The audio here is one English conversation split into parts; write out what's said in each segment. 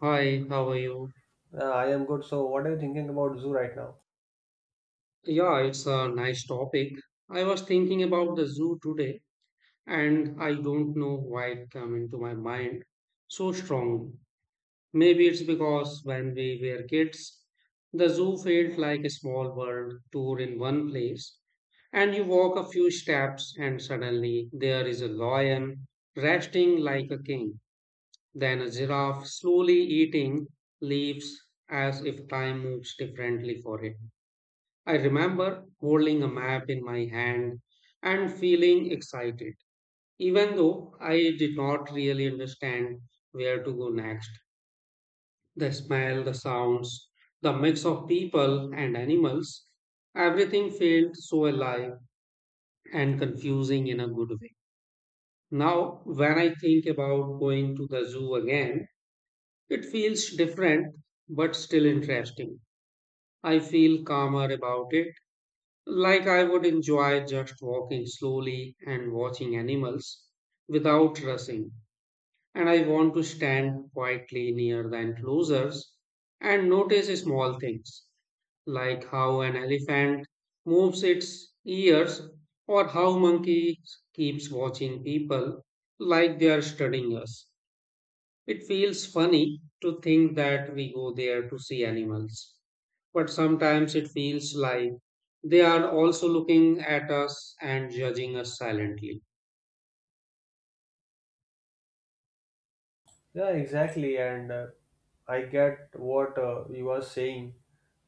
Hi, how are you? I am good. So, what are you thinking about zoo right now? Yeah, it's a nice topic. I was thinking about the zoo today, and I don't know why it came into my mind so strongly. Maybe it's because when we were kids, the zoo felt like a small world tour in one place, and you walk a few steps, and suddenly there is a lion resting like a king, then a giraffe slowly eating leaves as if time moves differently for it. I remember holding a map in my hand and feeling excited, even though I did not really understand where to go next. The smell, the sounds, the mix of people and animals, everything felt so alive and confusing in a good way. Now, when I think about going to the zoo again, it feels different but still interesting. I feel calmer about it. Like I would enjoy just walking slowly and watching animals without rushing. And I want to stand quietly near the enclosures and notice small things like how an elephant moves its ears or how monkeys keeps watching people like they are studying us. It feels funny to think that we go there to see animals, but sometimes it feels like they are also looking at us and judging us silently. Yeah, exactly. And I get what you are saying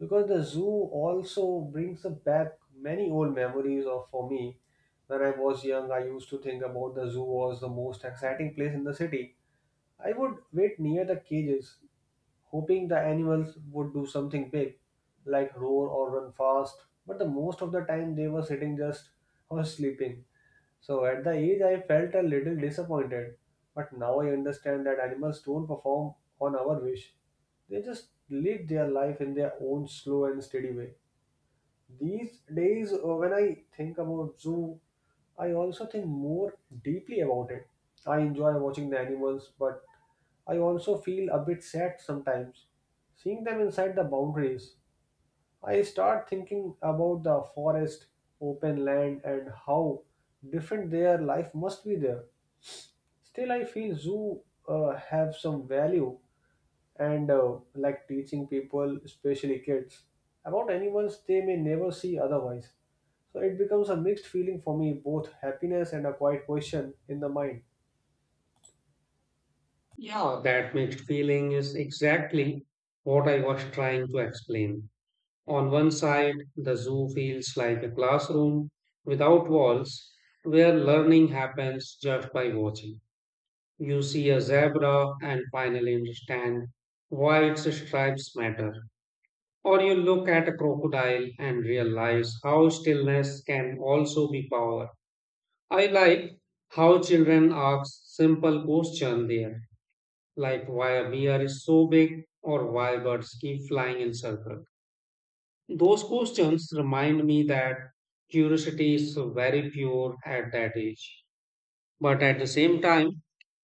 because the zoo also brings back many old memories of for me. When I was young, I used to think about the zoo was the most exciting place in the city. I would wait near the cages, hoping the animals would do something big, like roar or run fast. But the most of the time, they were sitting just or sleeping. So at the age, I felt a little disappointed, but now I understand that animals don't perform on our wish. They just live their life in their own slow and steady way. These days, when I think about zoo, I also think more deeply about it. I enjoy watching the animals, but I also feel a bit sad sometimes. Seeing them inside the boundaries, I start thinking about the forest, open land, and how different their life must be there. Still, I feel zoo have some value and like teaching people, especially kids, about animals they may never see otherwise. So it becomes a mixed feeling for me, both happiness and a quiet question in the mind. Yeah, that mixed feeling is exactly what I was trying to explain. On one side, the zoo feels like a classroom without walls where learning happens just by watching. You see a zebra and finally understand why its stripes matter. Or you look at a crocodile and realize how stillness can also be power. I like how children ask simple questions there, like why a bear is so big or why birds keep flying in circles. Those questions remind me that curiosity is very pure at that age. But at the same time,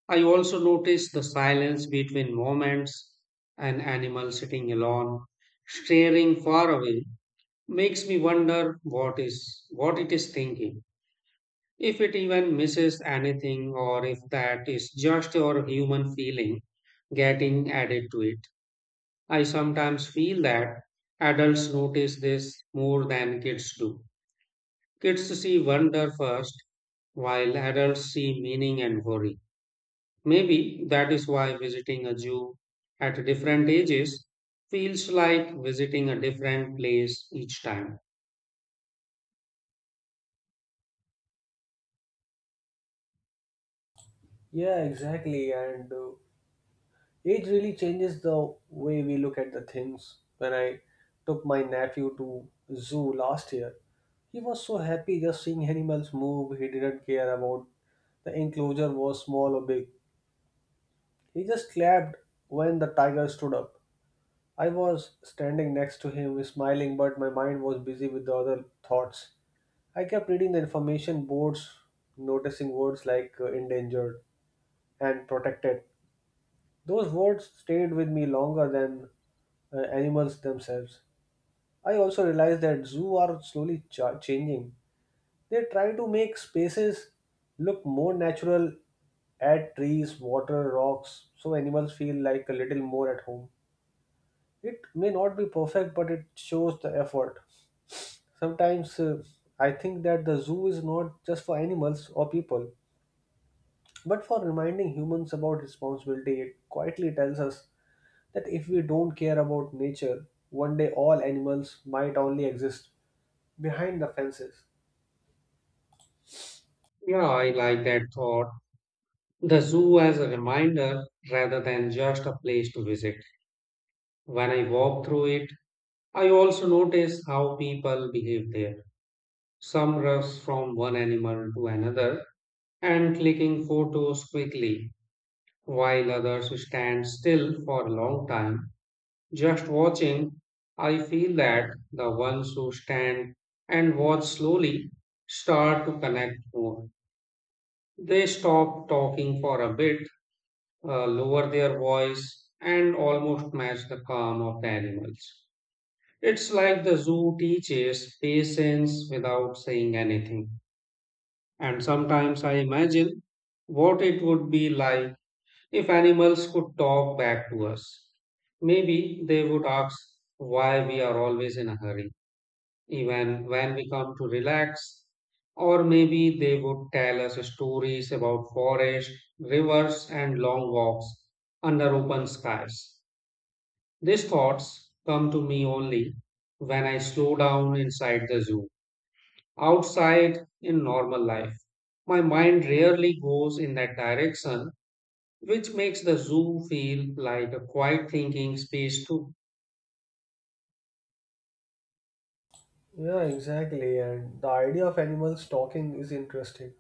I also notice the silence between moments, an animal sitting alone, staring far away makes me wonder what is what it is thinking, if it even misses anything or if that is just your human feeling getting added to it. I sometimes feel that adults notice this more than kids do. Kids see wonder first, while adults see meaning and worry. Maybe that is why visiting a zoo at different ages feels like visiting a different place each time. Yeah, exactly. And Age really changes the way we look at the things. When I took my nephew to zoo last year, he was so happy just seeing animals move. He didn't care about the enclosure was small or big. He just clapped when the tiger stood up. I was standing next to him, smiling, but my mind was busy with the other thoughts. I kept reading the information boards, noticing words like endangered and protected. Those words stayed with me longer than animals themselves. I also realized that zoos are slowly changing. They try to make spaces look more natural, add trees, water, rocks, so animals feel like a little more at home. It may not be perfect, but it shows the effort. Sometimes I think that the zoo is not just for animals or people, but for reminding humans about responsibility. It quietly tells us that if we don't care about nature, one day all animals might only exist behind the fences. Yeah, I like that thought. The zoo as a reminder rather than just a place to visit. When I walk through it, I also notice how people behave there. Some rush from one animal to another and clicking photos quickly, while others stand still for a long time. Just watching, I feel that the ones who stand and watch slowly start to connect more. They stop talking for a bit, lower their voice, and almost match the calm of the animals. It's like the zoo teaches patience without saying anything. And sometimes I imagine what it would be like if animals could talk back to us. Maybe they would ask why we are always in a hurry even when we come to relax. Or maybe they would tell us stories about forest, rivers, and long walks under open skies. These thoughts come to me only when I slow down inside the zoo. Outside in normal life, my mind rarely goes in that direction, which makes the zoo feel like a quiet thinking space too. Yeah, exactly. And the idea of animals talking is interesting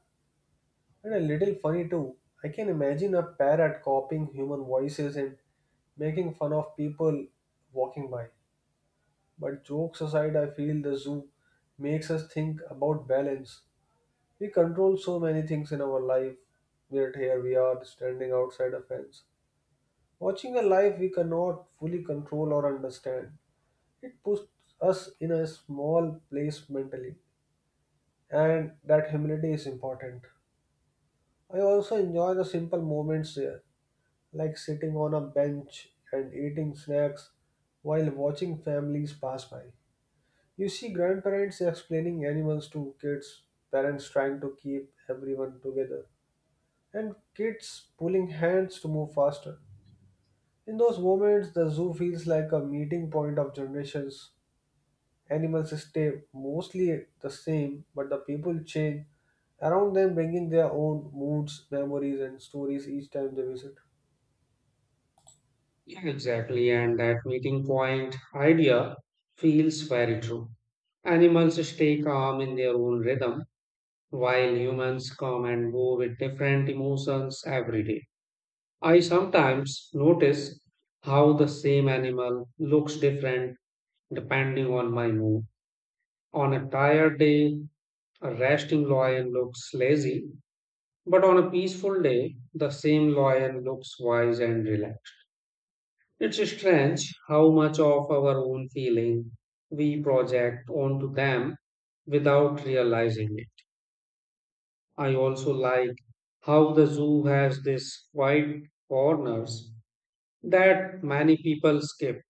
and a little funny too. I can imagine a parrot copying human voices and making fun of people walking by. But jokes aside, I feel the zoo makes us think about balance. We control so many things in our life, yet here we are standing outside a fence watching a life we cannot fully control or understand. It puts us in a small place mentally, and that humility is important. I also enjoy the simple moments here, like sitting on a bench and eating snacks while watching families pass by. You see grandparents explaining animals to kids, parents trying to keep everyone together, and kids pulling hands to move faster. In those moments, the zoo feels like a meeting point of generations. Animals stay mostly the same, but the people change around them, bringing their own moods, memories, and stories each time they visit. Yeah, exactly, and that meeting point idea feels very true. Animals stay calm in their own rhythm, while humans come and go with different emotions every day. I sometimes notice how the same animal looks different depending on my mood. On a tired day, a resting lion looks lazy, but on a peaceful day, the same lion looks wise and relaxed. It's strange how much of our own feeling we project onto them without realizing it. I also like how the zoo has these quiet corners that many people skip.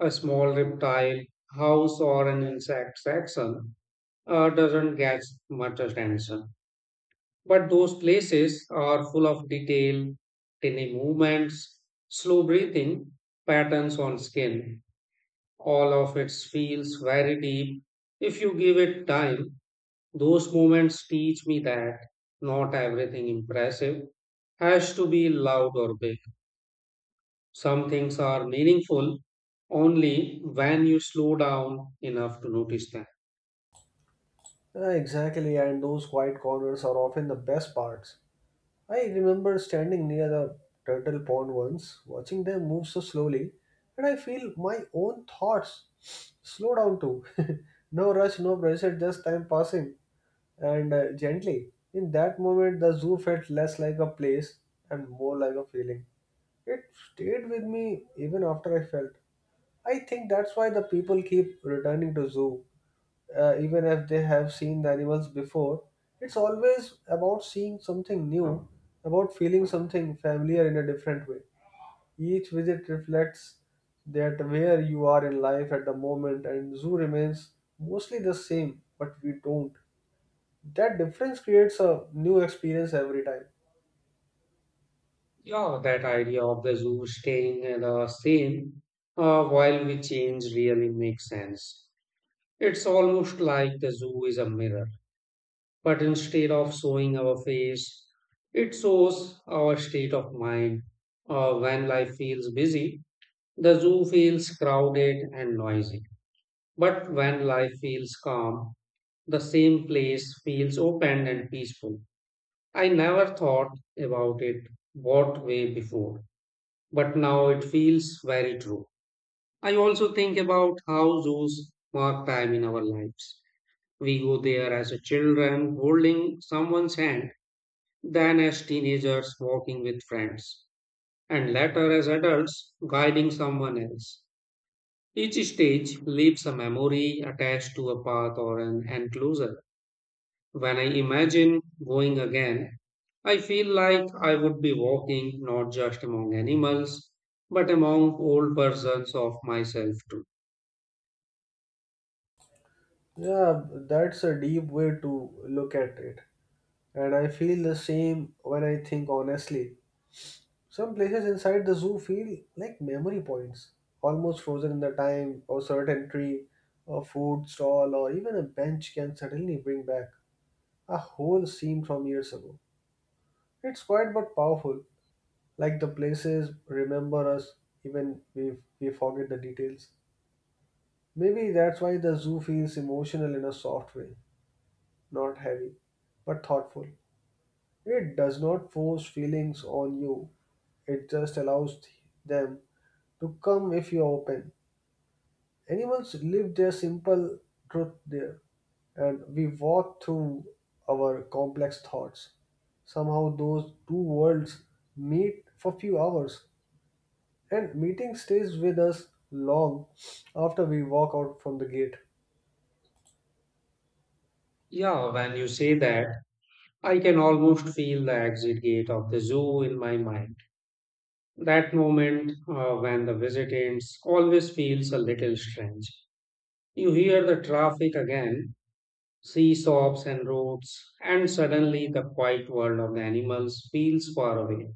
A small reptile, house, or an insect section doesn't get much attention. But those places are full of detail, tiny movements, slow breathing, patterns on skin. All of it feels very deep. If you give it time, those moments teach me that not everything impressive has to be loud or big. Some things are meaningful only when you slow down enough to notice them. Ah, exactly, and those quiet corners are often the best parts. I remember standing near the turtle pond once, watching them move so slowly, and I feel my own thoughts slow down too. No rush, no pressure, just time passing. And Gently. In that moment, the zoo felt less like a place and more like a feeling. It stayed with me even after I felt. I think that's why the people keep returning to zoo, even if they have seen the animals before. It's always about seeing something new, about feeling something familiar in a different way. Each visit reflects that where you are in life at the moment, and zoo remains mostly the same, but we don't that difference creates a new experience every time. Yeah, that idea of the zoo staying at the same, while we change really makes sense. It's almost like the zoo is a mirror. But instead of showing our face, it shows our state of mind. Or when life feels busy, the zoo feels crowded and noisy. But when life feels calm, the same place feels open and peaceful. I never thought about it what way before, but now it feels very true. I also think about how zoos mark time in our lives. We go there as a children, holding someone's hand, than as teenagers walking with friends, and later as adults guiding someone else. Each stage leaves a memory attached to a path or an enclosure. When I imagine going again, I feel like I would be walking not just among animals, but among old versions of myself too. Yeah, that's a deep way to look at it, and I feel the same when I think honestly some places inside the zoo feel like memory points almost frozen in the time or certain tree, a food stall or even a bench can suddenly bring back a whole scene from years ago. It's quiet but powerful, like the places remember us even we forget the details. Maybe that's why the zoo feels emotional in a soft way, not heavy, but thoughtful. It does not force feelings on you, it just allows them to come if you're open. Animals live their simple truth there, and we walk through our complex thoughts. Somehow, those two worlds meet for few hours, and meeting stays with us long after we walk out from the gate. Yeah, when you say that, I can almost feel the exit gate of the zoo in my mind. That moment, when the visit ends always feels a little strange. You hear the traffic again, see shops and roads, and suddenly the quiet world of the animals feels far away.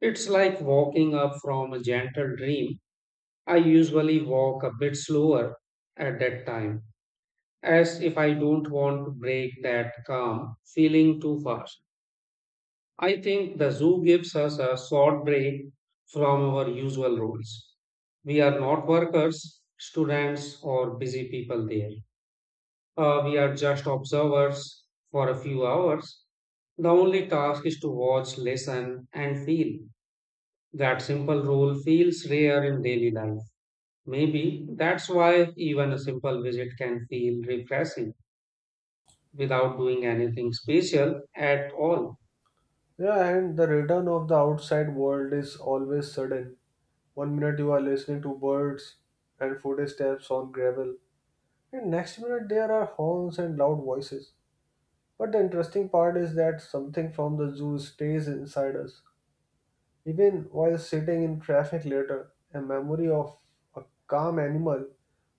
It's like walking up from a gentle dream. I usually walk a bit slower at that time, as if I don't want to break that calm feeling too fast. I think the zoo gives us a short break from our usual roles. We are not workers, students, or busy people there. We are just observers for a few hours. The only task is to watch, listen, and feel. That simple role feels rare in daily life. Maybe that's why even a simple visit can feel refreshing without doing anything special at all. Yeah, and the return of the outside world is always sudden. One minute you are listening to birds and footsteps on gravel, and next minute there are horns and loud voices. But the interesting part is that something from the zoo stays inside us. Even while sitting in traffic later, a memory of a calm animal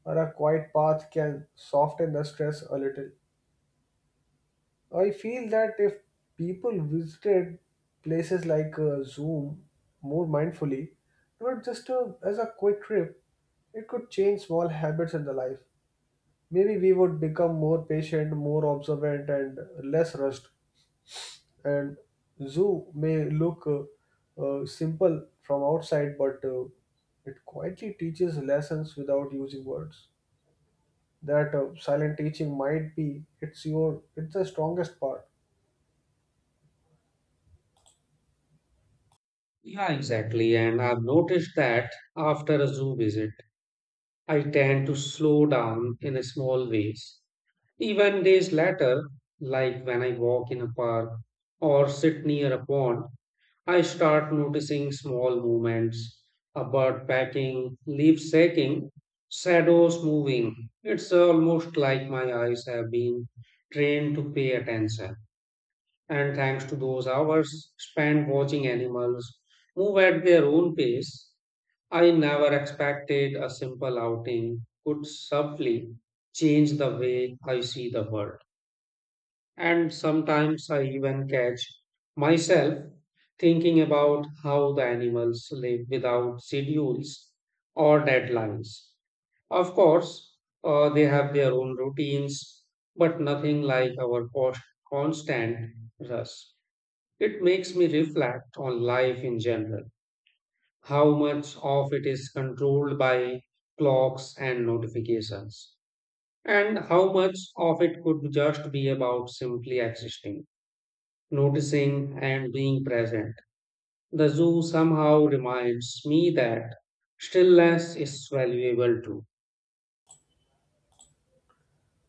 or a quiet path can soften the stress a little. I feel that if people visited places like Zoom more mindfully, not just as a quick trip, it could change small habits in the life. Maybe we would become more patient, more observant, and less rushed. And Zoom may look simple from outside, but it quietly teaches lessons without using words. That silent teaching might be it's the strongest part. Yeah, exactly. And I've noticed that after a zoo visit, I tend to slow down in a small ways. Even days later, like when I walk in a park or sit near a pond, I start noticing small movements, a bird pecking, leaf shaking, shadows moving. It's almost like my eyes have been trained to pay attention. And thanks to those hours spent watching animals move at their own pace, I never expected a simple outing could subtly change the way I see the world. And sometimes I even catch myself thinking about how the animals live without schedules or deadlines. Of course, they have their own routines, but nothing like our constant rush. It makes me reflect on life in general, how much of it is controlled by clocks and notifications, and how much of it could just be about simply existing, noticing, and being present. The zoo somehow reminds me that stillness is valuable too.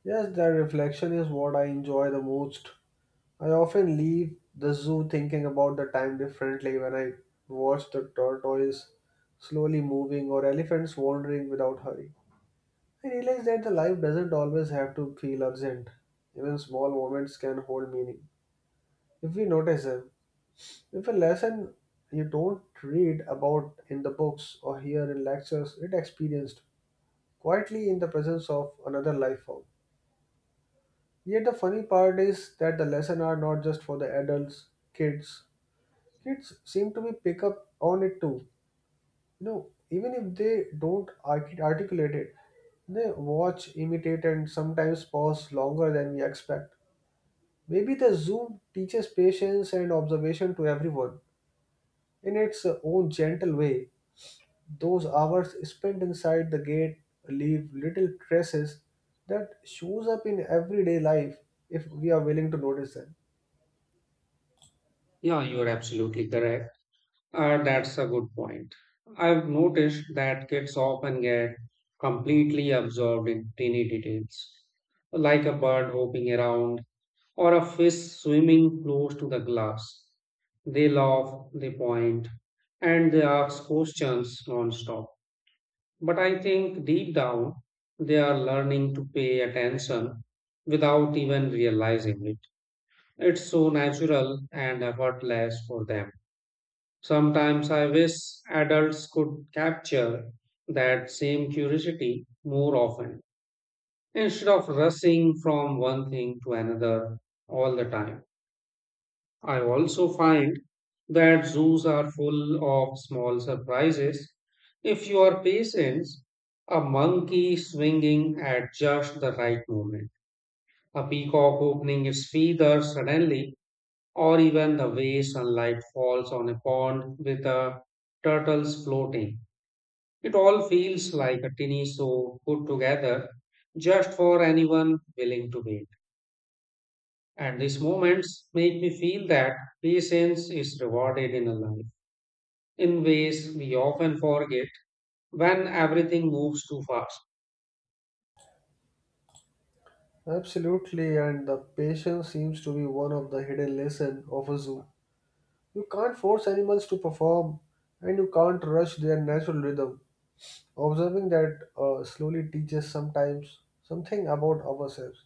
Yes, that reflection is what I enjoy the most. I often leave the zoo thinking about the time differently when I watch the tortoise slowly moving or elephants wandering without hurry. I realize that the life doesn't always have to feel urgent. Even small moments can hold meaning if we notice them. If a lesson you don't read about in the books or hear in lectures, it experienced quietly in the presence of another life form. Yet the funny part is that the lesson are not just for the adults, kids. Kids seem to be pick up on it too. You know, even if they don't articulate it, they watch, imitate, and sometimes pause longer than we expect. Maybe the Zoom teaches patience and observation to everyone in its own gentle way. Those hours spent inside the gate leave little traces that shows up in everyday life if we are willing to notice them. Yeah, you're absolutely correct. That's a good point. I've noticed that kids often get completely absorbed in tiny details, like a bird hopping around or a fish swimming close to the glass. They laugh, they point, and they ask questions nonstop. But I think deep down, they are learning to pay attention without even realizing it. It's so natural and effortless for them. Sometimes I wish adults could capture that same curiosity more often instead of rushing from one thing to another all the time. I also find that zoos are full of small surprises. If you are patient, a monkey swinging at just the right moment, a peacock opening its feathers suddenly, or even the way sunlight falls on a pond with a turtles floating. It all feels like a tiny show put together just for anyone willing to wait. And these moments make me feel that patience is rewarded in a life, in ways we often forget when everything moves too fast. Absolutely, and the patience seems to be one of the hidden lessons of a zoo. You can't force animals to perform, and you can't rush their natural rhythm. Observing that slowly teaches sometimes something about ourselves.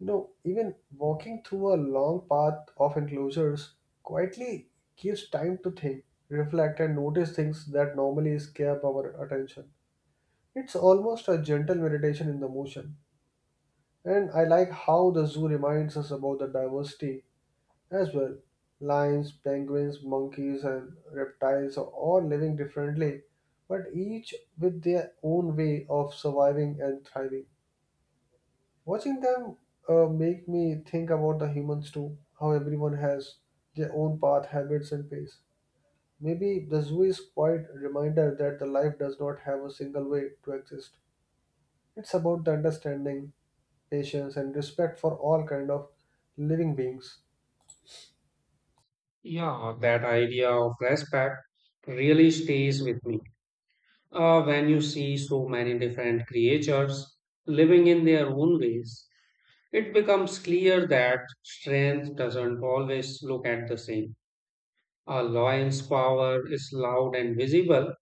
You know, even walking through a long path of enclosures quietly gives time to think, reflect, and notice things that normally escape our attention. It's almost a gentle meditation in the motion. And I like how the zoo reminds us about the diversity as well. Lions, penguins, monkeys, and reptiles are all living differently, but each with their own way of surviving and thriving. Watching them make me think about the humans too, how everyone has their own path, habits, and pace. Maybe the zoo is quite a reminder that the life does not have a single way to exist. It's about the understanding patience, and respect for all kind of living beings. Yeah, that idea of respect really stays with me. When you see so many different creatures living in their own ways, it becomes clear that strength doesn't always look at the same. A lion's power is loud and visible,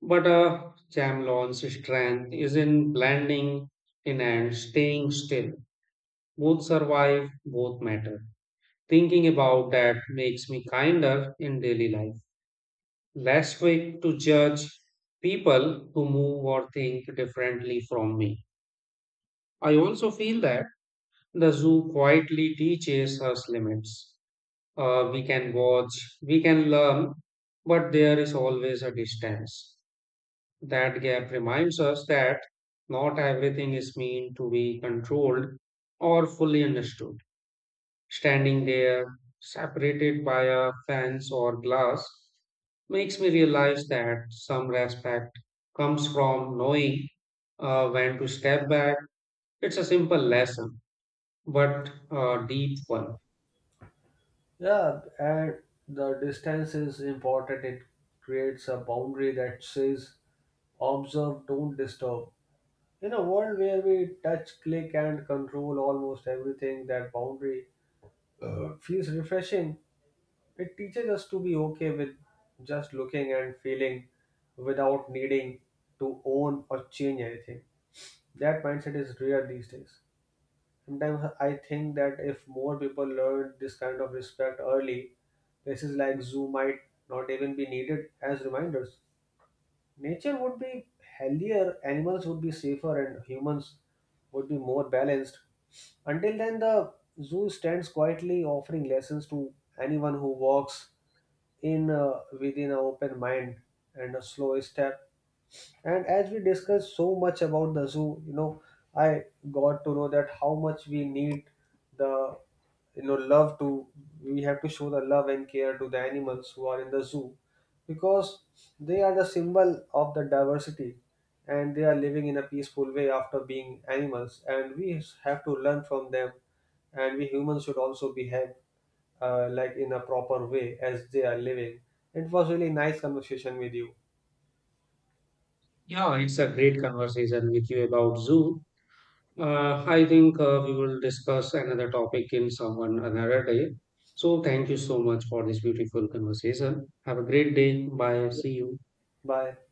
but a chameleon's strength is in blending in and staying still. Both survive, both matter. Thinking about that makes me kinder in daily life, less quick to judge people who move or think differently from me. I also feel that the zoo quietly teaches us limits. We can watch, we can learn, but there is always a distance. That gap reminds us that not everything is meant to be controlled or fully understood. Standing there, separated by a fence or glass, makes me realize that some respect comes from knowing, when to step back. It's a simple lesson, but a deep one. Yeah, and the distance is important. It creates a boundary that says observe, don't disturb. In a world where we touch, click, and control almost everything, that boundary feels refreshing. It teaches us to be okay with just looking and feeling without needing to own or change anything. That mindset is rare these days. Sometimes I think that if more people learn this kind of respect early, places like zoo might not even be needed as reminders. Nature would be healthier, animals would be safer, and humans would be more balanced. Until then, the zoo stands quietly offering lessons to anyone who walks in within an open mind and a slow step, and as we discussed so much about the zoo, you know, I got to know that how much we need the, you know, love to, we have to show the love and care to the animals who are in the zoo because they are the symbol of the diversity and they are living in a peaceful way after being animals. And we have to learn from them and we humans should also behave like in a proper way as they are living. It was really nice conversation with you. Yeah, it's a great conversation with you about zoo. I think we will discuss another topic in someone another day. So thank you so much for this beautiful conversation. Have a great day. Bye. See you. Bye.